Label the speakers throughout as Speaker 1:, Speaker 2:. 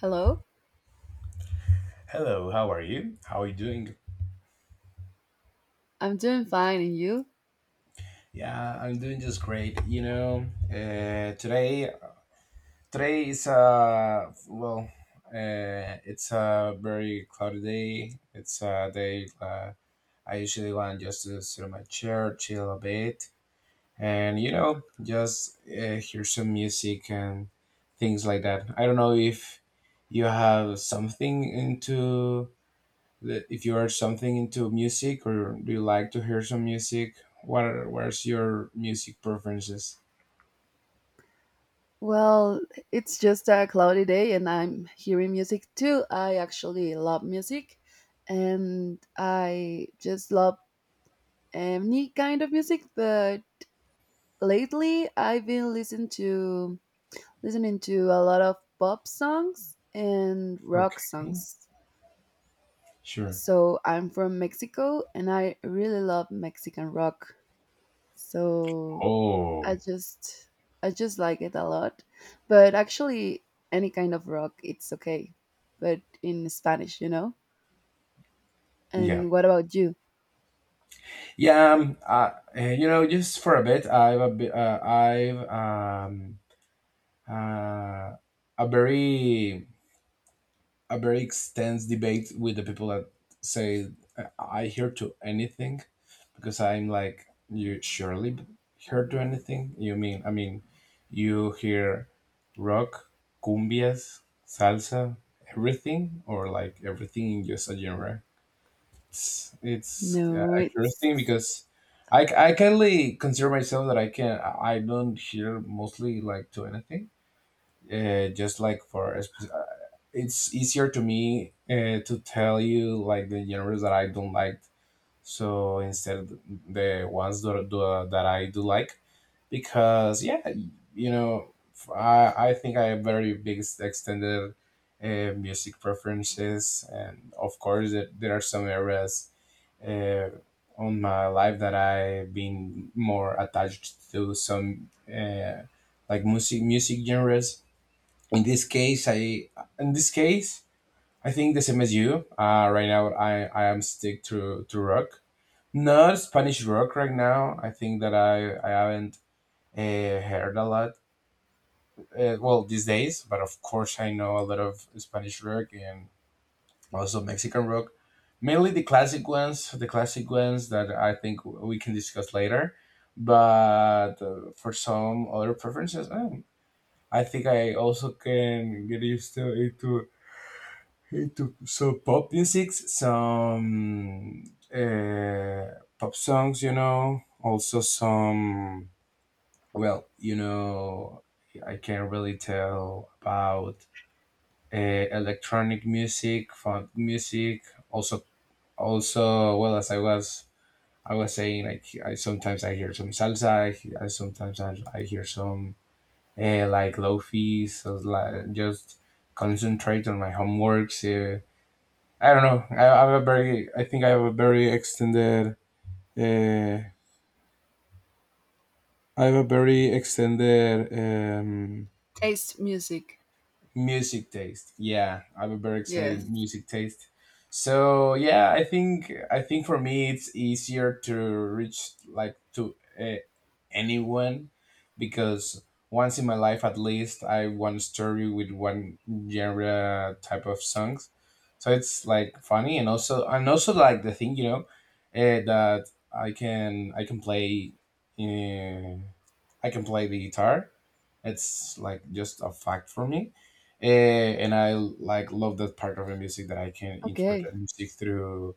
Speaker 1: Hello,
Speaker 2: Hello, how are you? How are you doing?
Speaker 1: I'm doing fine, and you?
Speaker 2: Yeah, I'm doing just great. You know, today is a it's a very cloudy day. It's a day I usually want just to sit on my chair, chill a bit, and you know, just hear some music and things like that. I don't know if you have something into if you are something into music, or do you like to hear some music? What's your music preferences?
Speaker 1: Well, it's just a cloudy day and I'm hearing music too. I actually love music and I just love any kind of music, but lately I've been listening to a lot of pop songs and rock
Speaker 2: Okay.
Speaker 1: songs.
Speaker 2: Sure.
Speaker 1: So, I'm from Mexico and I really love Mexican rock. So, I
Speaker 2: Oh,
Speaker 1: just I just like it a lot. But actually any kind of rock it's okay. But in Spanish, you know?
Speaker 2: yeah.
Speaker 1: And what about you?
Speaker 2: Yeah, you know, just for a bit, I've a bi- I've uh, a very extensive debate with the people that say, I hear to anything," because I'm like, you surely hear to anything. You mean, you hear rock, cumbias, salsa, everything, or like everything in just a genre? It's
Speaker 1: No,
Speaker 2: a curious thing
Speaker 1: it's...
Speaker 2: because... I kindly consider myself that I can... I don't hear mostly like to anything, just like for a, it's easier to me to tell you like the genres that I don't like. So instead, the ones that do, that I do like, because yeah, you know, I think I have very big extended music preferences, and of course there are some areas uh, on my life that I've been more attached to some like music genres. In this case, I... In this case, I think the same as you. Right now, I am stick to rock. Not Spanish rock right now. I think that I haven't uh, heard a lot. Well, these days, but of course, I know a lot of Spanish rock and also Mexican rock. Mainly the classic ones that I think we can discuss later. But for some other preferences, I think I also can get used to it too. He took so pop music, some uh, pop songs, you know, also some. Well, you know, I can't really tell about uh, electronic music, funk music, also well, as I was saying, like I sometimes I hear some salsa, I sometimes I hear some like lofi, so like just concentrate on my homeworks. I don't know. I have a very... I think I have a very extended... Uh, I have a very extended
Speaker 1: Taste music.
Speaker 2: music taste. Yeah, I have a very extended
Speaker 1: Yes.
Speaker 2: music taste. So yeah, I think I think for me it's easier to reach like to uh, anyone, because once in my life, at least, I want to story with one genre type of songs. So it's like funny, and also, like the thing, you know, that I can I can play uh, I can play the guitar. It's like just a fact for me. Eh, and I like love that part of the music, that I can interpret
Speaker 1: Okay.
Speaker 2: the music through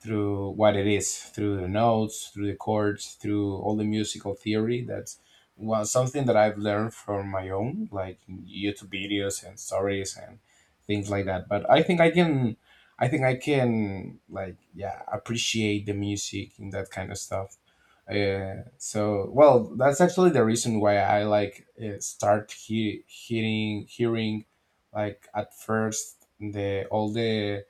Speaker 2: through what it is, through the notes, through the chords, through all the musical theory. That's well something that I've learned from my own, like YouTube videos and stories and things like that. But I think I can, I think I can, like yeah, appreciate the music and that kind of stuff. So well, that's actually the reason why I like start hearing like at first the all the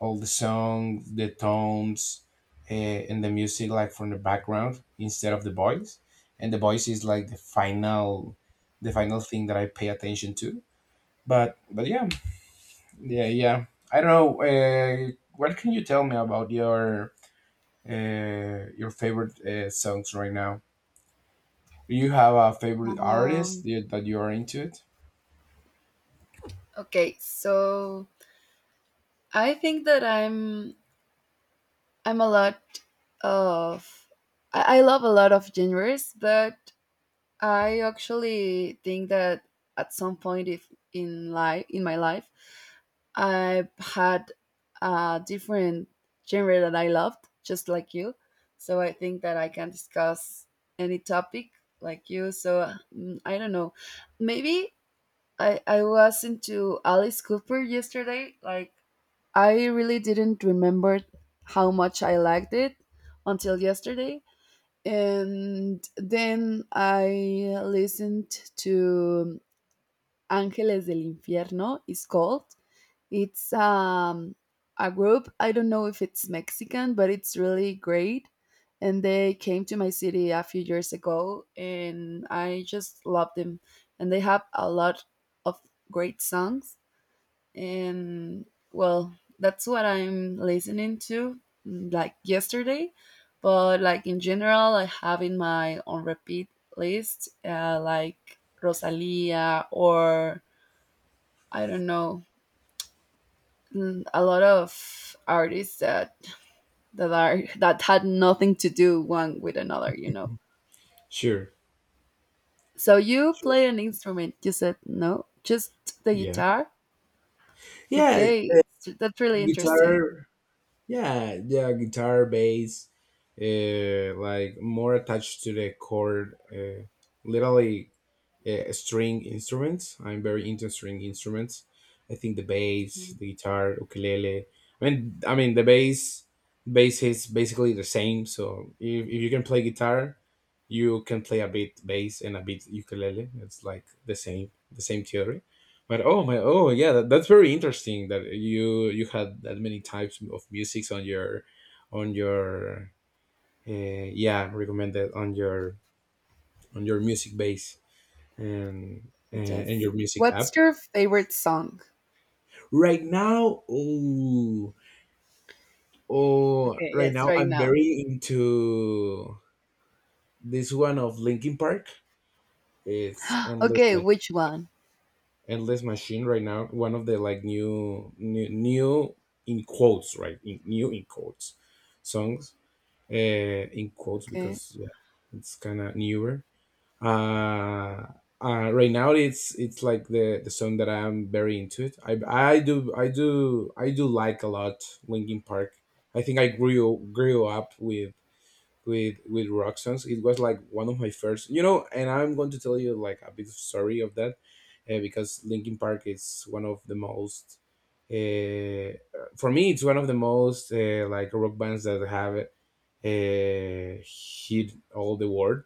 Speaker 2: songs, the tones, and the music like from the background instead of the voice. And the voice is like the final thing that I pay attention to. But yeah, yeah. I don't know. What can you tell me about your favorite songs right now? Do you have a favorite artist
Speaker 1: Um,
Speaker 2: that you are into it?
Speaker 1: okay, so I think that I'm a lot of I love a lot of genres, but I actually think that at some point if in life in my life I've had a different genre that I loved, just like you. So I think that I can discuss any topic like you. So I don't know. Maybe I was into Alice Cooper yesterday. Like, I really didn't remember how much I liked it until yesterday. And then I listened to Ángeles del Infierno, it's called. It's a group, I don't know if it's Mexican, but it's really great. And they came to my city a few years ago, and I just love them. And they have a lot of great songs and well, that's what I'm listening to, like yesterday, but like in general I have in my on repeat list like Rosalia or I don't know, a lot of artists that are that had nothing to do one with another, you know.
Speaker 2: Sure.
Speaker 1: So you
Speaker 2: Sure.
Speaker 1: play an instrument, you said? No, just the
Speaker 2: Yeah.
Speaker 1: guitar.
Speaker 2: Yeah,
Speaker 1: okay it's- that's really interesting.
Speaker 2: guitar. Yeah, yeah, guitar, bass, like more attached to the chord. Literally string instruments. I'm very into string instruments. I think the bass, the guitar, ukulele. I mean the bass. Bass is basically the same. So if you can play guitar, you can play a bit bass and a bit ukulele. It's like the same theory. But oh my, oh yeah, that's very interesting that you had that many types of musics on your yeah, recommended on your music base and
Speaker 1: Yes.
Speaker 2: your music
Speaker 1: What's
Speaker 2: app.
Speaker 1: your favorite song?
Speaker 2: Right now? Oh. Oh,
Speaker 1: Okay,
Speaker 2: right
Speaker 1: yes,
Speaker 2: now
Speaker 1: right
Speaker 2: I'm
Speaker 1: now.
Speaker 2: very into this one of Linkin Park. It's
Speaker 1: Okay, which one?
Speaker 2: Endless Machine. Right now, one of the like new in quotes. Right in, new in quotes songs, in quotes,
Speaker 1: Okay.
Speaker 2: because yeah, it's kind of newer. uh, right now, it's like the song that I'm very into it. I do I do like a lot Linkin Park. I think I grew up with with rock songs. It was like one of my first, you know. And I'm going to tell you like a bit of story of that, because Linkin Park is one of the most... Uh, for me, it's one of the most like rock bands that have hit all the world,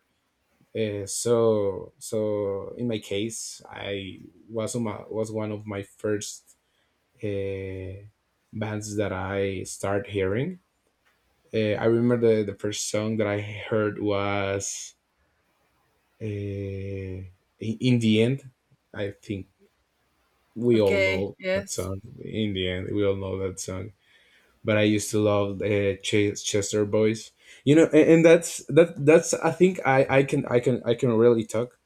Speaker 2: so in my case, I was on my, was one of my first uh, bands that I start hearing. I remember the first song that I heard was in the end. I think we all
Speaker 1: Okay,
Speaker 2: know that
Speaker 1: yes.
Speaker 2: song. In the end, we all know that song. But I used to love Chester Boys. You know, and, that's that that's I think I can I can really talk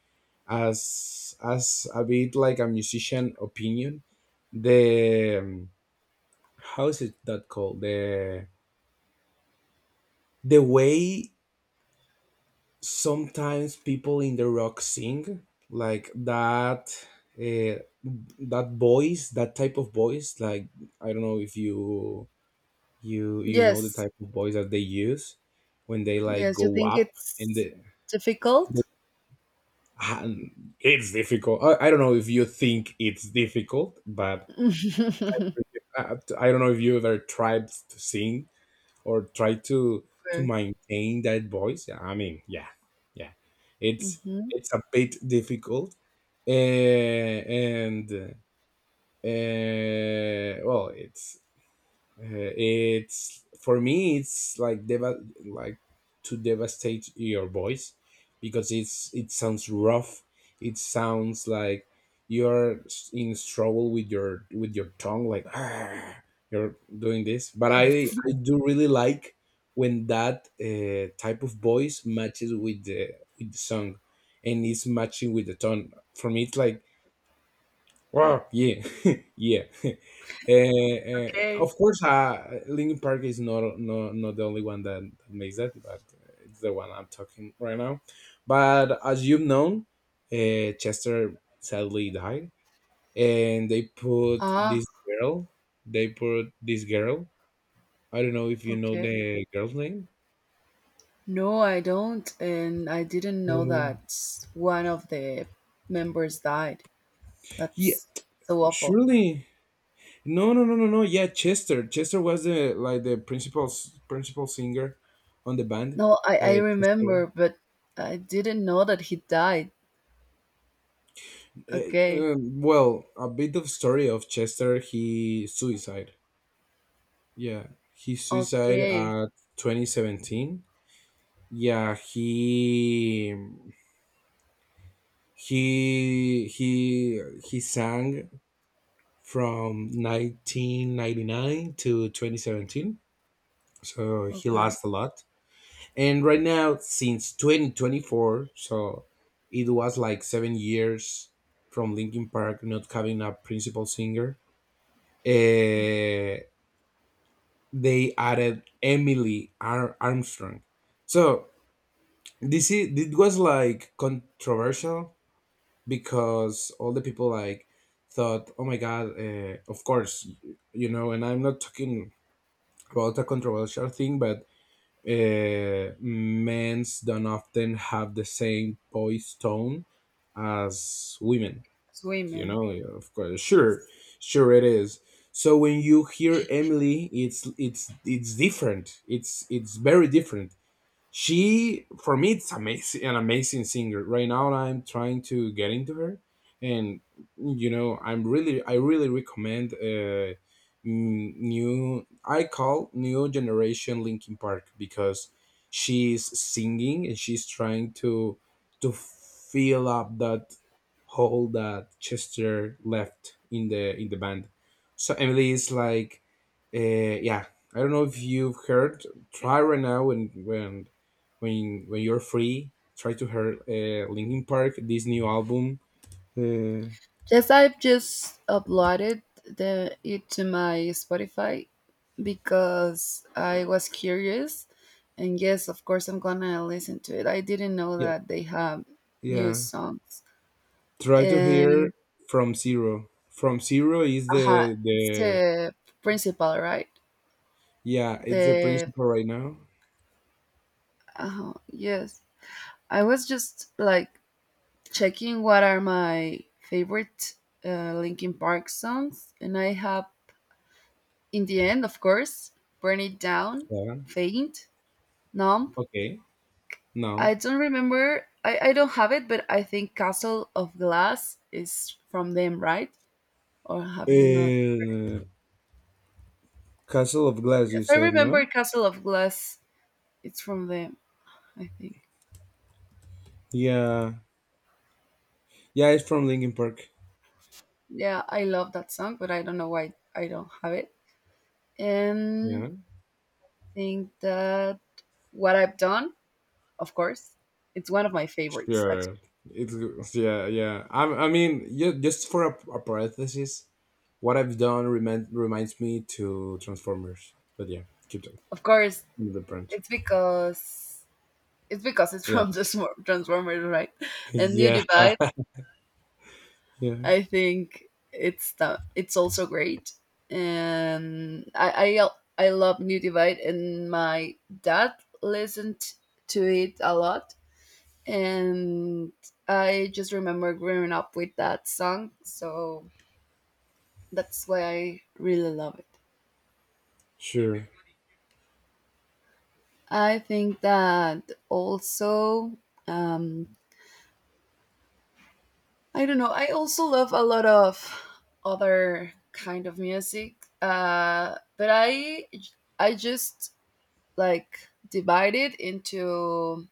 Speaker 2: as a bit like a musician opinion, the how is it that called, the way sometimes people in the rock sing like that, uh, that voice, that type of voice, like I don't know if you know the
Speaker 1: Yes.
Speaker 2: type of voice that they use when they like
Speaker 1: Yes, you
Speaker 2: go
Speaker 1: think
Speaker 2: up and
Speaker 1: it's
Speaker 2: the
Speaker 1: difficult?
Speaker 2: and it's difficult. I don't know if you think it's difficult, but
Speaker 1: Okay.
Speaker 2: I don't know if you ever tried to sing or try to maintain that voice. I mean, yeah, yeah, it's
Speaker 1: Hmm.
Speaker 2: it's a bit difficult, and well, it's for me it's like like to devastate your voice, because it sounds rough, it sounds like you're in struggle with your tongue, like "Ah," you're doing this. But i
Speaker 1: Yes.
Speaker 2: i do really like when that type of voice matches with the song, and it's matching with the tone, for me it's like wow. Yeah, yeah. Uh,
Speaker 1: Okay.
Speaker 2: of course, Linkin Park is not, not the only one that makes that, but it's the one I'm talking right now. But as you've known, Chester sadly died, and they put
Speaker 1: Ah,
Speaker 2: this girl. They put this girl. I don't know if you know
Speaker 1: okay.
Speaker 2: the girl's name.
Speaker 1: No, I don't. And I didn't know
Speaker 2: Uh,
Speaker 1: that one of the members died.
Speaker 2: yeah,
Speaker 1: That's so awful.
Speaker 2: surely. No, no, no, no, no. Yeah, Chester. Chester was the like the principal principal singer on the band.
Speaker 1: No, I
Speaker 2: Uh, Chester.
Speaker 1: remember, but I didn't know that he died. Okay.
Speaker 2: Well, a bit of story of Chester. He suicide. Yeah, he suicide
Speaker 1: Okay.
Speaker 2: at 2017. Yeah, he he he sang from 1999 to 2017. So he
Speaker 1: Okay.
Speaker 2: lost a lot. And right now, since 2024, so it was like 7 years from Linkin Park not having a principal singer. Eh, they added Armstrong. So this is it was like controversial, because all the people like thought, oh my god, of course, you know. And I'm not talking about a controversial thing, but men's don't often have the same voice tone as women.
Speaker 1: It's
Speaker 2: You
Speaker 1: women.
Speaker 2: know, of course, sure,
Speaker 1: Yes.
Speaker 2: sure it is. So when you hear Emily, it's different. It's very different. She, for me, it's amazing, an amazing singer. Right now I'm trying to get into her. And you know, I really recommend new, I call new generation Linkin Park, because she's singing and she's trying to fill up that hole that Chester left in the band. So Emily is like yeah, I don't know if you've heard. Try right now, and when you're free, try to hear Linkin Park, this new album. uh,
Speaker 1: Yes, I've just uploaded the it to my Spotify because I was curious, and yes, of course, I'm gonna listen to it. I didn't know
Speaker 2: yeah,
Speaker 1: that they have new
Speaker 2: yeah.
Speaker 1: songs,
Speaker 2: Try to hear
Speaker 1: and
Speaker 2: From Zero. From Zero is
Speaker 1: aha,
Speaker 2: the
Speaker 1: it's
Speaker 2: the
Speaker 1: the principal, right?
Speaker 2: Yeah, it's the
Speaker 1: The
Speaker 2: principal right now.
Speaker 1: yes, I was just like checking what are my favorite Linkin Park songs, and I have In the End, of course, Burn It Down,
Speaker 2: Yeah.
Speaker 1: Faint, Numb.
Speaker 2: Okay. Numb.
Speaker 1: I don't remember, I don't have it, but I think Castle of Glass is from them, right? Or have you not?
Speaker 2: uh, Castle of Glass, you
Speaker 1: Yes, I
Speaker 2: said? No.
Speaker 1: remember Castle of Glass. It's from them, I think.
Speaker 2: Yeah. Yeah, it's from Linkin Park.
Speaker 1: Yeah, I love that song, but I don't know why I don't have it. And I
Speaker 2: Yeah.
Speaker 1: think that What I've Done, of course, it's one of my favorites,
Speaker 2: Sure.
Speaker 1: actually.
Speaker 2: It's yeah, yeah. Yeah, just for a parenthesis, what I've done reminds me to Transformers. But yeah, keep
Speaker 1: Of course,
Speaker 2: the print.
Speaker 1: it's because... It's because it's
Speaker 2: Yeah.
Speaker 1: from the Transformers, right? And New
Speaker 2: Yeah.
Speaker 1: Divide,
Speaker 2: Yeah.
Speaker 1: I think it's the, it's also great, and I love New Divide, and my dad listened to it a lot, and I just remember growing up with that song, so that's why I really love it.
Speaker 2: Sure.
Speaker 1: I think that also um, I don't know. I also love a lot of other kind of music, but I just like divide it into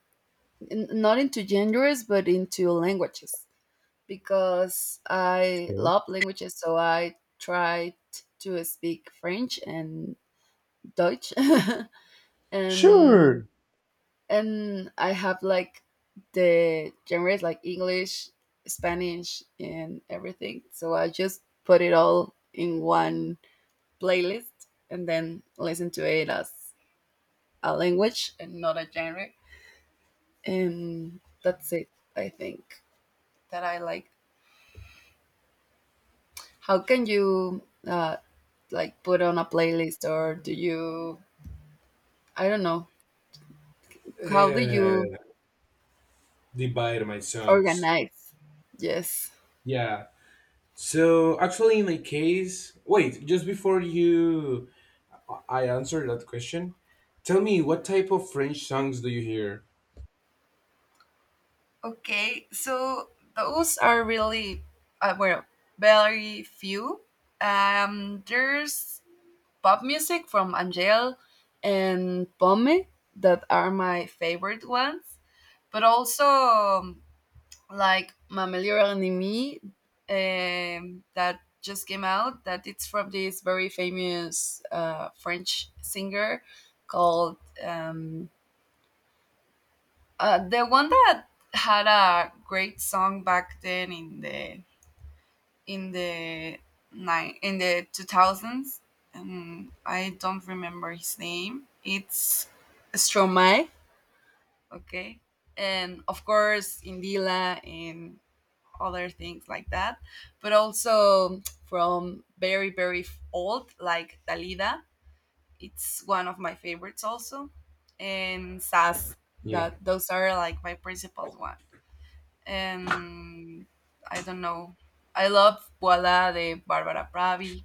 Speaker 1: not into genres but into languages because I
Speaker 2: Okay.
Speaker 1: love languages. So I tried to speak French and Dutch and
Speaker 2: Sure.
Speaker 1: and I have like the genres like English, Spanish, and everything. So I just put it all in one playlist and then listen to it as a language and not a genre. And that's it. I think that I like. How can you like put on a playlist, or do you? I don't know. How do
Speaker 2: Uh,
Speaker 1: you
Speaker 2: Divide my songs.
Speaker 1: organize? Yes.
Speaker 2: Yeah. So actually, in my case, wait, just before you, I answer that question. Tell me, what type of French songs do you hear?
Speaker 1: Okay, so those are really well, very few. There's pop music from Angel and Pome that are my favorite ones, but also like Mamelio Animi, that just came out. That it's from this very famous French singer called um, the one that had a great song back then in the two thousands, and I don't remember his name. It's Stromae, okay, and of course Indila and other things like that, but also from very very old like Dalida. It's one of my favorites also, and Sass.
Speaker 2: Yeah.
Speaker 1: That those are like my principal ones. And I don't know. I love Voila de Barbara Pravi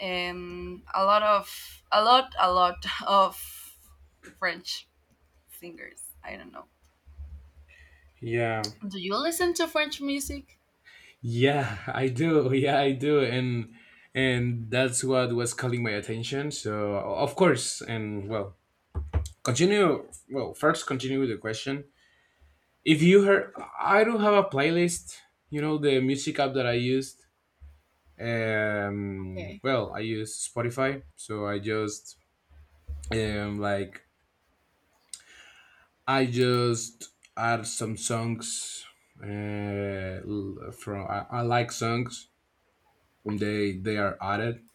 Speaker 1: and a lot of French singers. I don't know.
Speaker 2: Yeah.
Speaker 1: Do you listen to French music?
Speaker 2: Yeah, I do. Yeah, I do. And that's what was calling my attention. So of course, and well, continue. Well, first continue with the question. If you heard, I don't have a playlist. You know the music app that I used. Um,
Speaker 1: Okay.
Speaker 2: well, I use Spotify, so I just um like I just add some songs. L- from I like songs. They are added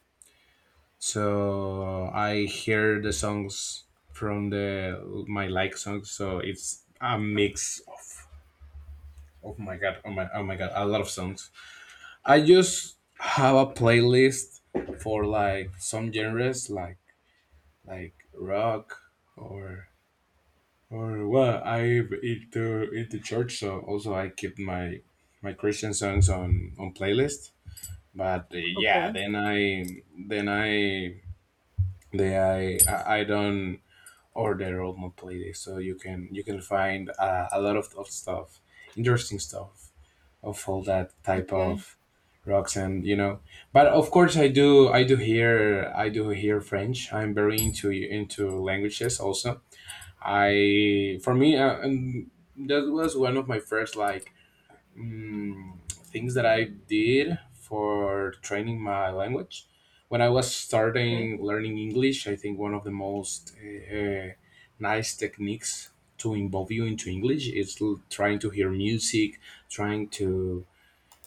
Speaker 2: so I hear the songs from the my like songs. So it's a mix of oh my god, oh my god, a lot of songs. I just have a playlist for like some genres like rock or or well I into church, so also I keep my Christian songs on playlist. But yeah,
Speaker 1: Okay,
Speaker 2: then I then I don't or their roadmap playlist. So you can find a lot of stuff, interesting stuff of all that type
Speaker 1: okay,
Speaker 2: of rocks, and you know. But of course, I do hear French. I'm very into languages also. I for me and that was one of my first like mm, things that I did for training my language. When I was
Speaker 1: okay,
Speaker 2: starting learning English, I think one of the most nice techniques to involve you into English is trying to hear music, trying to,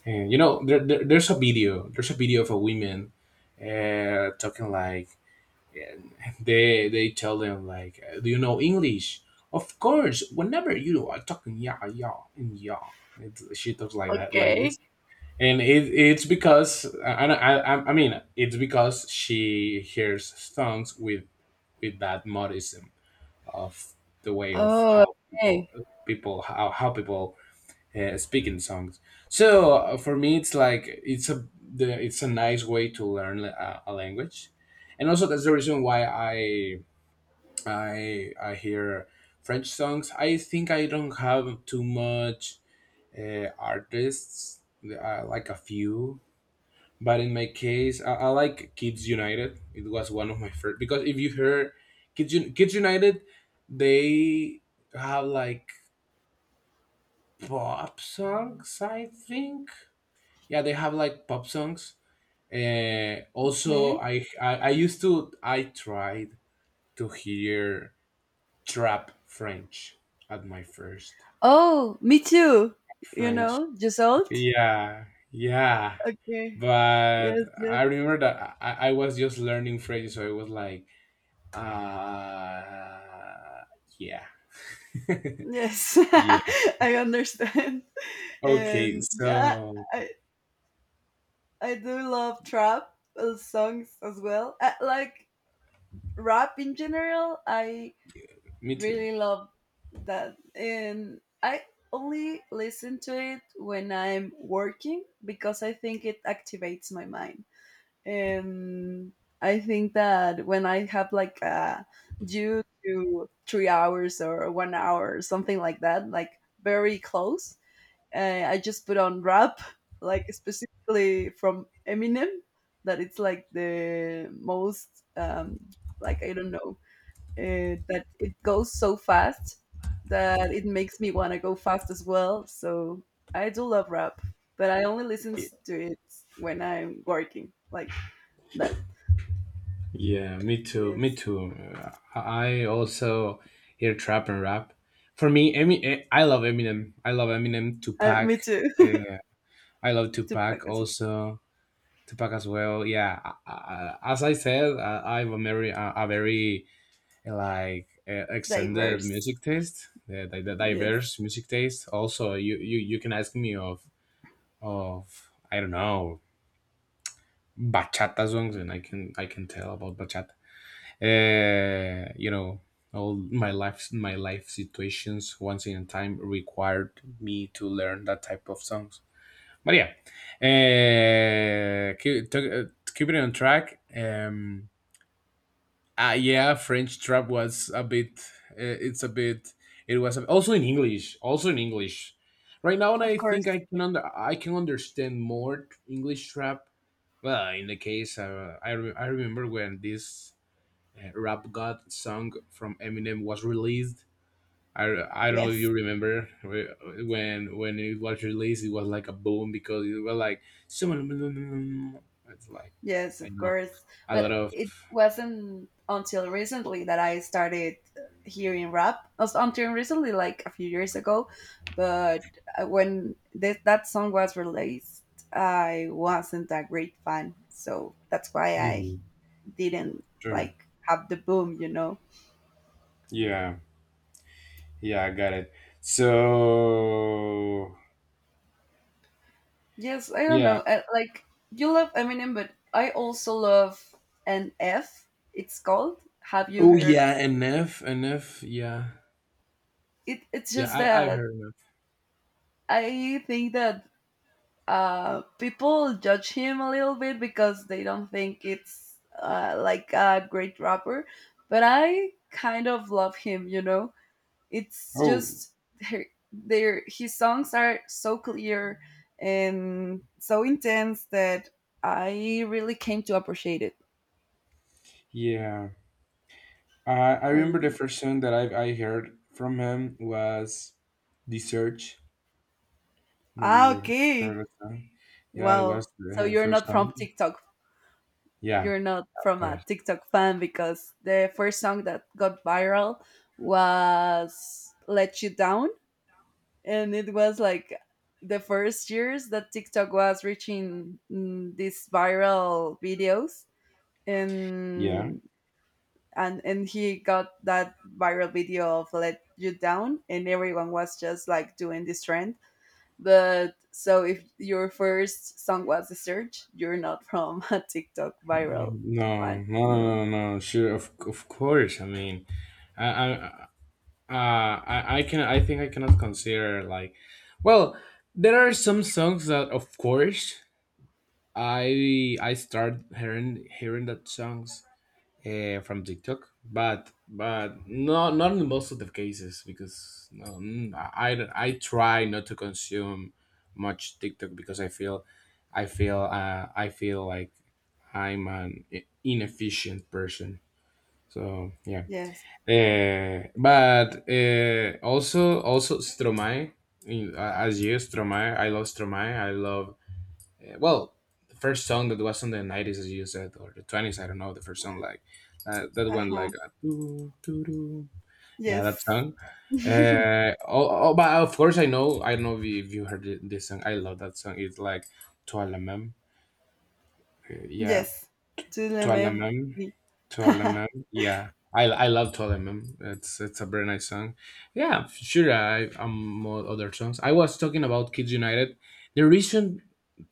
Speaker 2: and you know, there's a video of a woman talking like, and they tell them like, do you know English? Of course, whenever you are talking, yeah, yeah, and yeah, she talks like that, like this,
Speaker 1: okay.
Speaker 2: and it's because it's because she hears songs with that modism of the way of
Speaker 1: Oh,
Speaker 2: how people
Speaker 1: okay.
Speaker 2: how people speaking songs. So for me, it's like it's a nice way to learn a language, and also that's the reason why I hear French songs. I think I don't have too much artists, like a few. But in my case, I like Kids United. It was one of my first because if you hear Kids United, they have like pop songs, I think. Yeah, they have like pop songs. Also,
Speaker 1: Okay.
Speaker 2: I tried to hear trap French at my first
Speaker 1: Oh, me too. You
Speaker 2: French.
Speaker 1: know, just old.
Speaker 2: Yeah, yeah.
Speaker 1: Okay.
Speaker 2: But
Speaker 1: Yes, yes,
Speaker 2: I remember that I was just learning French, so I was like, uh, yeah,
Speaker 1: yes.
Speaker 2: yeah.
Speaker 1: I understand.
Speaker 2: Okay,
Speaker 1: And yeah,
Speaker 2: so
Speaker 1: I, I do love trap songs as well. Like rap in general, I
Speaker 2: me too.
Speaker 1: really love that. And I only listen to it when I'm working because I think it activates my mind. And I think that when I have like a due to 3 hours or one hour or something like that, like very close, I just put on rap, like specifically from Eminem, that it's like the most, um, like I don't know, that it goes so fast that it makes me want to go fast as well. So I do love rap, but I only listen
Speaker 2: Yeah.
Speaker 1: to it when I'm working, like that.
Speaker 2: Yeah, me too. Me
Speaker 1: Yes,
Speaker 2: too. I also hear trap and rap. For me, I love Eminem. I love Eminem.
Speaker 1: me
Speaker 2: Tupac.
Speaker 1: too.
Speaker 2: Uh, I love
Speaker 1: Tupac
Speaker 2: Tupac
Speaker 1: is
Speaker 2: also. Tupac as well. Yeah. As I said, I have a very, a very extended
Speaker 1: diverse.
Speaker 2: music taste. The
Speaker 1: Yes,
Speaker 2: diverse music taste. Also, you can ask me of I don't know bachata songs, and I can tell about bachata. You know, all my life situations once in a time required me to learn that type of songs. But yeah, uh, keep, to, uh, keep it on track. Yeah, French trap was a bit, it's a bit, it was a, also in English, right now I
Speaker 1: of
Speaker 2: think
Speaker 1: course.
Speaker 2: I can understand more English trap. Well, in the case, I remember when this Rap God song from Eminem was released. I, I don't know if you
Speaker 1: Yes.
Speaker 2: remember when when it was released. It was like a boom because it was like someone it's like
Speaker 1: Yes,
Speaker 2: I
Speaker 1: of
Speaker 2: know
Speaker 1: course.
Speaker 2: a lot
Speaker 1: But
Speaker 2: of.
Speaker 1: it wasn't until recently that I started hearing rap. Until recently, like a few years ago. But when that song was released, I wasn't a great fan. So that's why I
Speaker 2: Mhm,
Speaker 1: didn't
Speaker 2: sure,
Speaker 1: like have the boom, you know?
Speaker 2: yeah, yeah, I got it. So
Speaker 1: Yes, I don't
Speaker 2: yeah.
Speaker 1: know. I, like, you love Eminem, but I also love NF, it's called. Have you
Speaker 2: Oh
Speaker 1: heard?
Speaker 2: yeah, NF, NF, yeah.
Speaker 1: It, it's
Speaker 2: Yeah,
Speaker 1: just
Speaker 2: I I've
Speaker 1: that
Speaker 2: heard enough.
Speaker 1: I think that people judge him a little bit because they don't think it's like a great rapper, but I kind of love him. You know, it's
Speaker 2: Oh
Speaker 1: just her- their his songs are so clear and so intense that I really came to appreciate it.
Speaker 2: yeah, I
Speaker 1: I
Speaker 2: remember the
Speaker 1: don't know.
Speaker 2: first song that I heard from him was "The Search." No,
Speaker 1: Ah,
Speaker 2: you heard
Speaker 1: okay.
Speaker 2: that song? Yeah, it
Speaker 1: Well,
Speaker 2: was the-
Speaker 1: so
Speaker 2: her first song. Yeah,
Speaker 1: You're not
Speaker 2: of
Speaker 1: from a
Speaker 2: course.
Speaker 1: TikTok fan, because the first song that got viral was Let You Down. And it was like the first years that TikTok was reaching, these viral videos.
Speaker 2: Yeah.
Speaker 1: And and he got that viral video of Let You Down and everyone was just like doing this trend, but so if your first song was a search, you're not from a TikTok viral
Speaker 2: No,
Speaker 1: fan,
Speaker 2: no, no,
Speaker 1: you know.
Speaker 2: no, no, no. Sure, of course. I mean, I. I can, I think I cannot consider like, well, there are some songs that of course I start hearing that songs from TikTok, but not not in most of the cases because no, I try not to consume much TikTok because I feel I feel like I'm an inefficient person. So yeah,
Speaker 1: Yes.
Speaker 2: but also Stromae, in- as you Stromae. I love well, the first song that was on the 90s, as you said, or the 20s, I don't know, the first song, like, that one, like,
Speaker 1: Uh-huh.
Speaker 2: doo, doo, doo. Yeah, that
Speaker 1: Yes.
Speaker 2: song. Oh, but of course, I know, I don't know if you heard this song. I love that song. It's like Toi la même. Yeah,
Speaker 1: Yes. To the
Speaker 2: Toi la même.
Speaker 1: memory.
Speaker 2: Toi la même. Yeah. I love Toi la même. It's a very nice song. Yeah, sure. I more other songs. I was talking about Kids United. The reason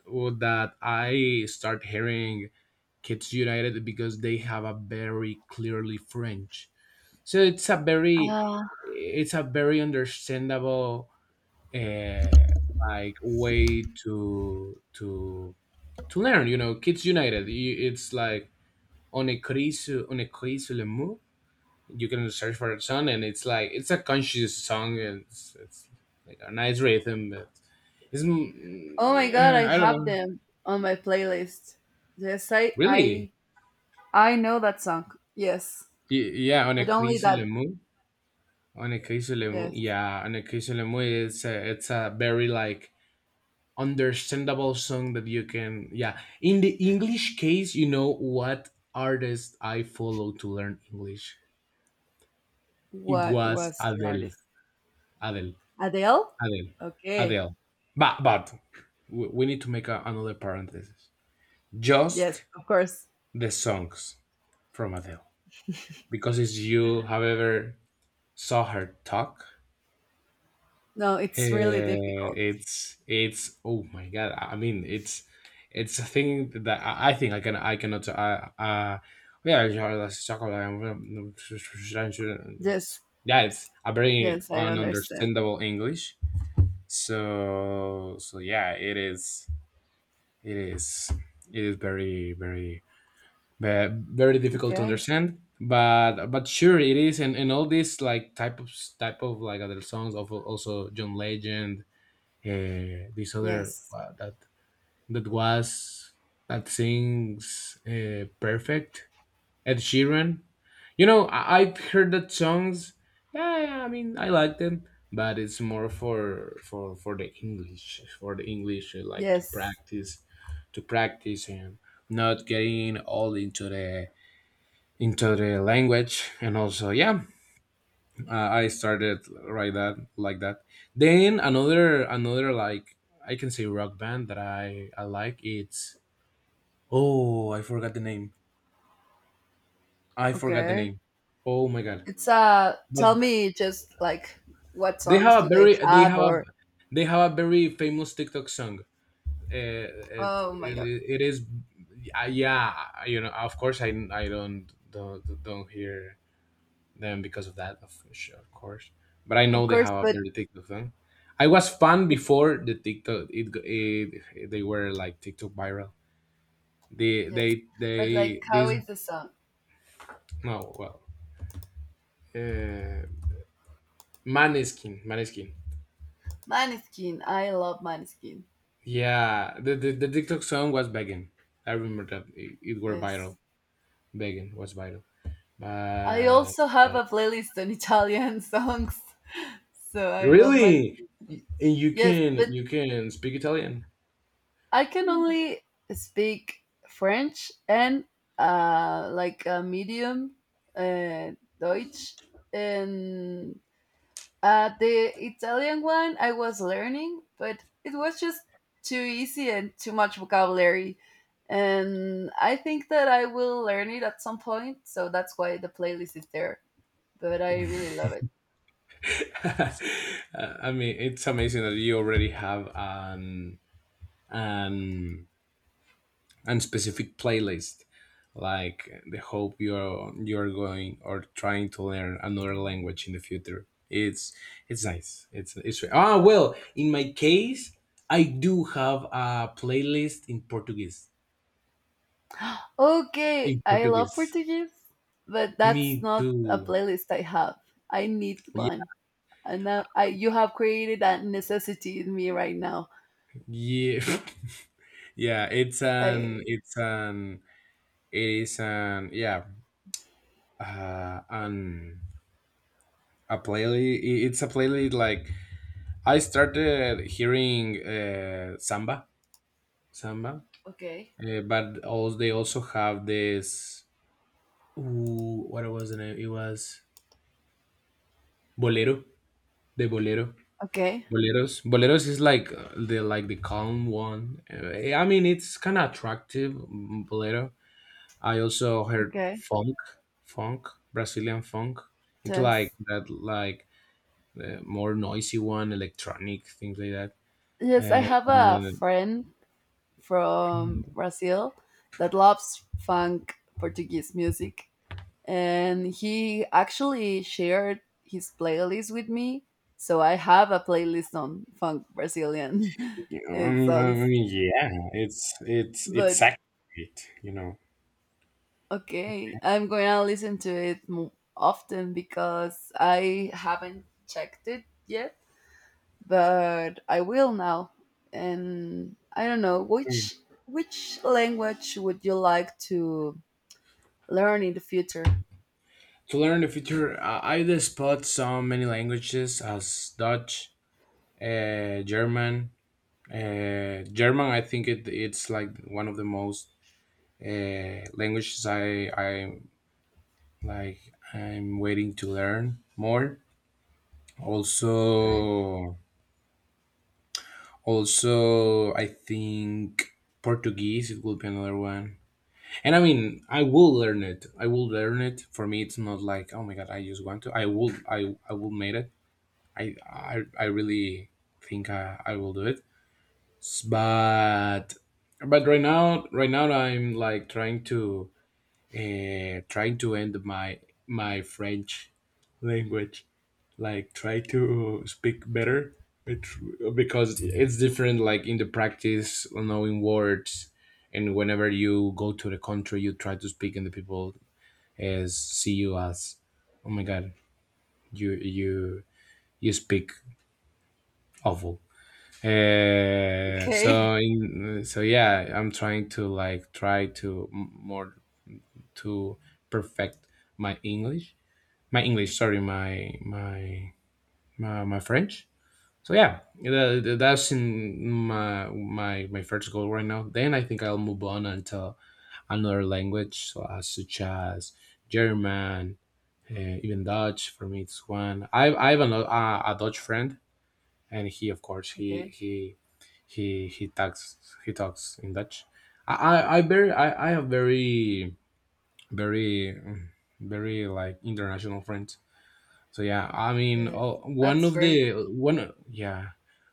Speaker 2: that I start hearing Kids United because they have a very clearly French, so it's a very,
Speaker 1: Ah.
Speaker 2: understandable uh, like way to to learn, you know. Kids United, it's like on a crise, le mou, you can search for a song, and it's like it's a conscious song, and it's like a nice rhythm, but it's
Speaker 1: Oh my god, I
Speaker 2: I don't
Speaker 1: have
Speaker 2: know,
Speaker 1: them on my playlist. Yes, I
Speaker 2: really.
Speaker 1: I I know that song. Yes.
Speaker 2: Yeah, on a
Speaker 1: But only
Speaker 2: crise le
Speaker 1: that.
Speaker 2: mou. On occasionally,
Speaker 1: Yes.
Speaker 2: yeah, on occasionally, it's a very like understandable song that you can, yeah. In the English case, you know what artist I follow to learn English? It
Speaker 1: What
Speaker 2: was
Speaker 1: was the
Speaker 2: Adele,
Speaker 1: artist?
Speaker 2: Adele,
Speaker 1: Adele?
Speaker 2: Adele,
Speaker 1: Okay.
Speaker 2: Adele. But we need to make another parenthesis.
Speaker 1: Yes,
Speaker 2: Just
Speaker 1: of course.
Speaker 2: the songs from Adele because if you have ever saw her talk,
Speaker 1: No, it's really difficult.
Speaker 2: It's oh my god! I mean, it's a thing that I think I cannot. Yeah, yeah, that's chocolate. It's
Speaker 1: Yes.
Speaker 2: yeah, it's a very
Speaker 1: Yes, I understand.
Speaker 2: ununderstandable English. So so yeah, it is it is it is very very very difficult to
Speaker 1: Okay.
Speaker 2: understand. But sure it is, and all these like type of like other songs of, also, John Legend, this other
Speaker 1: Yes.
Speaker 2: that that was that sings, perfect, Ed Sheeran. You know, I've heard that songs. Yeah, yeah, I mean, I like them, but it's more for the English, for the English, like
Speaker 1: Yes.
Speaker 2: to practice, and not getting all into the language. And also, yeah, I started right that like that, then another like, I can say, rock band that I like. It's oh, I forgot the name, I forgot the
Speaker 1: Okay.
Speaker 2: name, oh my god.
Speaker 1: It's tell
Speaker 2: But
Speaker 1: me, just like, what
Speaker 2: they
Speaker 1: songs
Speaker 2: have a
Speaker 1: do they
Speaker 2: very
Speaker 1: have or...
Speaker 2: they have a very famous TikTok song. uh, it,
Speaker 1: Oh my god.
Speaker 2: it is, yeah, you know, of course, I don't hear them because of that, of, sure, of course. But I
Speaker 1: Of
Speaker 2: know they
Speaker 1: course,
Speaker 2: have a
Speaker 1: but,
Speaker 2: very TikTok thing. I was fan
Speaker 1: but
Speaker 2: before the TikTok. It they were like TikTok viral. They
Speaker 1: yes.
Speaker 2: they
Speaker 1: But like
Speaker 2: they
Speaker 1: how
Speaker 2: this
Speaker 1: is the song?
Speaker 2: no well, uh, Maneskin, Maneskin.
Speaker 1: Maneskin. I love Maneskin.
Speaker 2: Yeah, the, the TikTok song was begging. I remember that it were
Speaker 1: Yes.
Speaker 2: viral. Begging was viral.
Speaker 1: I
Speaker 2: But
Speaker 1: also have
Speaker 2: uh,
Speaker 1: a playlist on Italian songs. So I love
Speaker 2: really,
Speaker 1: Maneskin.
Speaker 2: And
Speaker 1: Yes, but
Speaker 2: you can speak Italian.
Speaker 1: I can only speak French and like a medium uh Deutsch, and the Italian one I was learning, but it was just too easy and too much vocabulary. And I think that I will learn it at some point, so that's why the playlist is there. But I really love it.
Speaker 2: I mean, it's amazing that you already have an an an specific playlist, like the hope you're going or trying to learn another language in the future. It's nice it's, ah, well, in my case, I do have a playlist in Portuguese,
Speaker 1: Okay,
Speaker 2: in
Speaker 1: I love
Speaker 2: portuguese
Speaker 1: Portuguese, but that's
Speaker 2: me
Speaker 1: not a
Speaker 2: too,
Speaker 1: playlist I have. I need
Speaker 2: yeah,
Speaker 1: one. And now I, you have created a necessity in me right now.
Speaker 2: yeah. Yeah,
Speaker 1: I,
Speaker 2: it is an, yeah, and a playlist. It's a playlist like I started hearing samba, samba,
Speaker 1: okay.
Speaker 2: but also they also have this. Ooh, what was the name? It was bolero, the bolero,
Speaker 1: Okay.
Speaker 2: boleros. Boleros is like the like the calm one. I mean, it's kind of attractive, bolero. I also heard
Speaker 1: Okay.
Speaker 2: funk, funk, Brazilian funk. It's like
Speaker 1: Yes.
Speaker 2: that, like the more noisy one, electronic things like that.
Speaker 1: Yes, I
Speaker 2: And
Speaker 1: have a friend from Brazil that loves funk Portuguese music. And he actually shared his playlist with me. So I have a playlist on funk Brazilian
Speaker 2: I
Speaker 1: songs.
Speaker 2: mean, yeah, it's
Speaker 1: But
Speaker 2: accurate, you know.
Speaker 1: okay, I'm going to listen to it more often because I haven't checked it yet, but I will now. And I don't know
Speaker 2: Sure.
Speaker 1: which language would you like to learn in the future.
Speaker 2: To learn the future, I did spot so many languages as Dutch, German. German, I think it's like one of the most languages I like. I'm waiting to learn more.
Speaker 1: Okay.
Speaker 2: Also, I think Portuguese it will be another one. And I mean, I will learn it. I will learn it. For me, it's not like oh my god, I just want to. I will. I will make it. I really think I will do it. S- But but right now, right now I'm like trying to trying to end my French language, like try to speak better it, because it's different, like in the practice knowing words, and whenever you go to the country you try to speak and the people as see you as, oh my god, you you speak awful. uh,
Speaker 1: Okay.
Speaker 2: so in, so yeah, I'm trying to like try to more to perfect my English, my English, sorry, my French. So yeah, that's in my first goal right now. Then I think I'll move on into another language, so as such as German, even Dutch. For me, it's one. I have a Dutch friend, and he, of course, he
Speaker 1: Okay.
Speaker 2: he he he talks, he talks in Dutch. I have very very mm, very like international friends. So yeah, I mean,
Speaker 1: Yes.
Speaker 2: oh, one
Speaker 1: That's
Speaker 2: of
Speaker 1: great.
Speaker 2: the one yeah,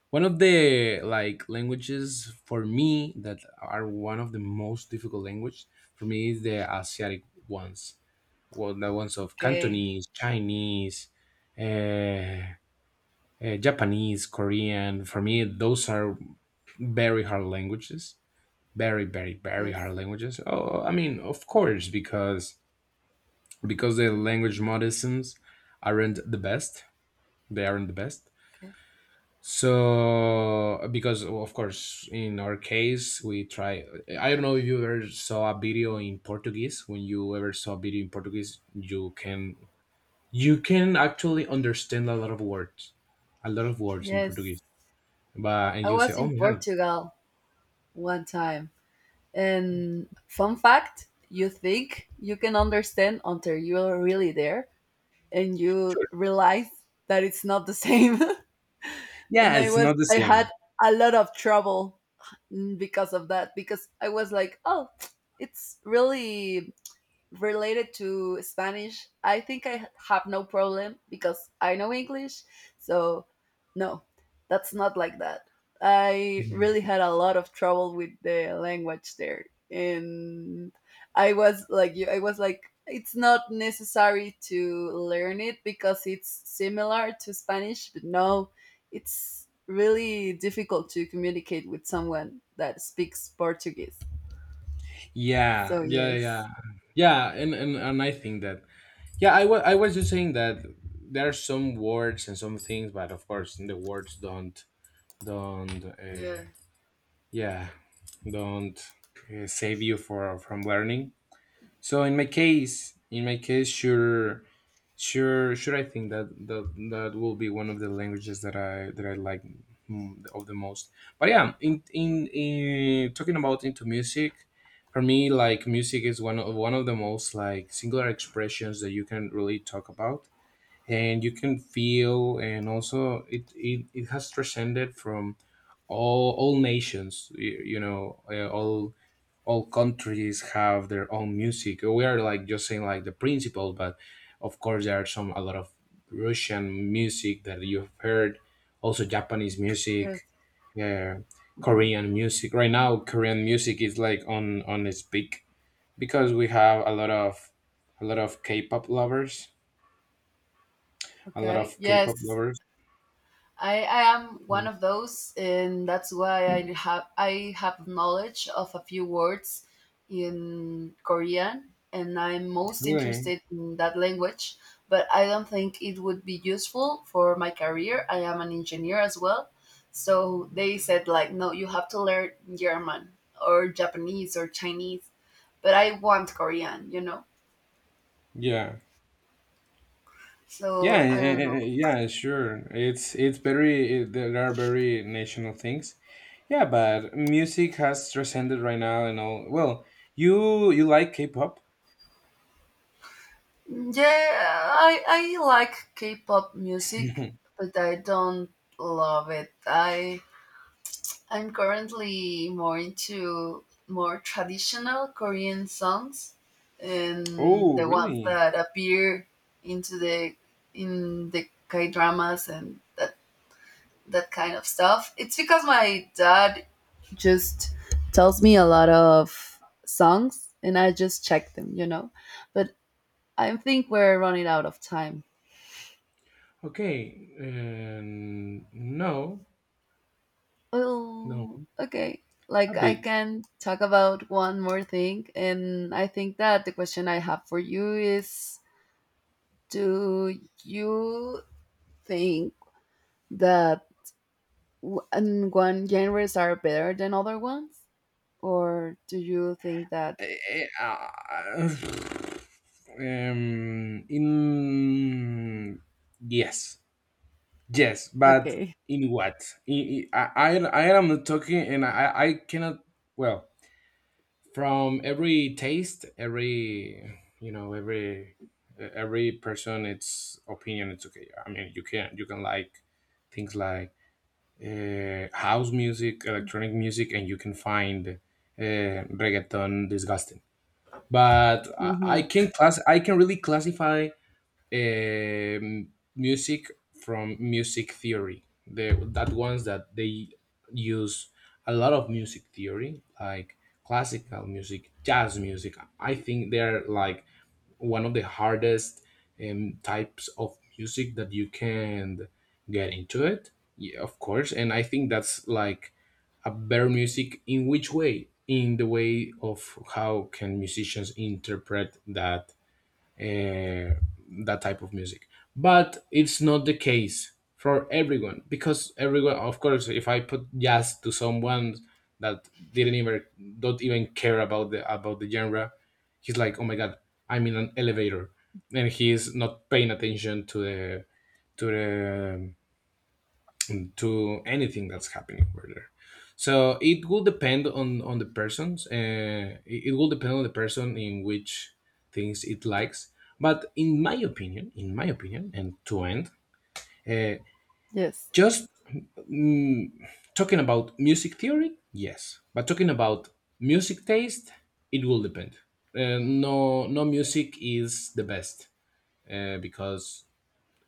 Speaker 2: one of the like languages for me that are one of the most difficult language for me is the Asiatic ones. Well, the ones of
Speaker 1: Okay.
Speaker 2: Cantonese, Chinese, uh, Japanese, Korean. For me, those are very hard languages. Very, very, very
Speaker 1: Yes.
Speaker 2: hard languages. Oh, I mean, of course, because the language modisms aren't the best. They aren't the best.
Speaker 1: Okay.
Speaker 2: So, because, well, of course, in our case, we try. I don't know if you ever saw a video in Portuguese. When you ever saw a video in Portuguese, you can, you can actually understand a lot of words, a lot of words in Portuguese.
Speaker 1: Yes.
Speaker 2: But and
Speaker 1: I
Speaker 2: you say,
Speaker 1: was
Speaker 2: "Oh
Speaker 1: in
Speaker 2: yeah,
Speaker 1: Portugal one time. And fun fact, you think you can understand until you're really there and you
Speaker 2: sure,
Speaker 1: realize that it's not the same. And
Speaker 2: yeah,
Speaker 1: I
Speaker 2: it's
Speaker 1: was
Speaker 2: not the
Speaker 1: I had
Speaker 2: same."
Speaker 1: a lot of trouble, because of that, because I was like, "Oh, it's really related to Spanish, I think I have no problem because I know English. So, no, that's not like that." I really had a lot of trouble with the language there. And I was like, I was like, it's not necessary to learn it because it's similar to Spanish, but no, it's really difficult to communicate with someone that speaks Portuguese.
Speaker 2: Yeah,
Speaker 1: So,
Speaker 2: yeah, yeah,
Speaker 1: yes.
Speaker 2: yeah. And I think that yeah, I was just saying that there are some words and some things, but of course, the words don't don't.
Speaker 1: Yeah.
Speaker 2: Yeah, don't save you for from learning. So in my case, in my case, sure, sure, sure, I think that will be one of the languages that I, that I like, of the most. But yeah, in in talking about into music, for me, like, music is one of the most like singular expressions that you can really talk about, and you can feel, and also it has transcended from all nations, you know, all countries have their own music. We are like just saying like the principle. But of course there are some, a lot of Russian music that you've heard, also Japanese
Speaker 1: Yes.
Speaker 2: music, yeah. Korean music right now, Korean music is like on its peak, because we have a lot of K-pop lovers, a lot
Speaker 1: Okay.
Speaker 2: of K-pop
Speaker 1: Yes,
Speaker 2: lovers.
Speaker 1: I am one
Speaker 2: Really?
Speaker 1: of those, and that's why I have knowledge of a few words in Korean, and I'm most interested in that language. But I don't think it would be useful for my career. I am an engineer as well, so they said like, no, you have to learn German or Japanese or Chinese. But I want Korean, you know.
Speaker 2: Yeah. Yeah,
Speaker 1: So I don't know.
Speaker 2: yeah, sure. It's very, eh, there are very national things. Yeah, but music has transcended right now and all. Well, you like K-pop?
Speaker 1: Yeah, I like K-pop music, but I don't love it. I'm currently more into more traditional Korean songs and
Speaker 2: Oh,
Speaker 1: the ones
Speaker 2: really?
Speaker 1: that appear into the in the K-dramas and that kind of stuff. It's because my dad just tells me a lot of songs and I just check them, you know. But I think we're running out of time.
Speaker 2: Okay. No,
Speaker 1: Well,
Speaker 2: no,
Speaker 1: okay.
Speaker 2: a
Speaker 1: Like I
Speaker 2: bit.
Speaker 1: can talk about one more thing, and I think that the question I have for you is: do you think that w- and one genres are better than other ones, or do you think that?
Speaker 2: Eh, eh, ah, in yes. Yes, but
Speaker 1: Okay.
Speaker 2: in what? I I, I am not talking, and I cannot. Well, from every taste, every, you know, every person, its opinion. It's okay. I mean, you can, you can like things like house music, electronic music, and you can find reggaeton disgusting. But I
Speaker 1: Mm-hmm.
Speaker 2: can class. I can really classify um, music from music theory. The that ones that they use a lot of music theory, like classical music, jazz music. I think they're like one of the hardest types of music that you can get into it. Yeah, of course, and I think that's like a better music in which way? In the way of how can musicians interpret that uh, that type of music. But it's not the case for everyone, because everyone, of course, if I put jazz to someone that didn't even don't even care about the, about the genre, he's like, oh my god, I'm in an elevator, and he's not paying attention to the to the to anything that's happening over there. So it will depend on the persons. It it will depend on the person in which things it likes. But in my opinion, and to end, uh,
Speaker 1: Yes.
Speaker 2: just mm, talking about music theory, yes. But talking about music taste, it will depend. No, no music is the best, because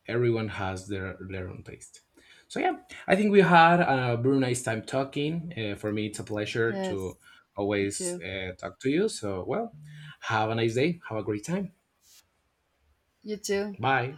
Speaker 2: everyone has their own taste. So yeah, I think we had a very nice time talking. For me, it's a pleasure
Speaker 1: Yes.
Speaker 2: to
Speaker 1: You
Speaker 2: always
Speaker 1: too.
Speaker 2: talk to you. So, well, have a nice day. Have a great time.
Speaker 1: You too.
Speaker 2: Bye.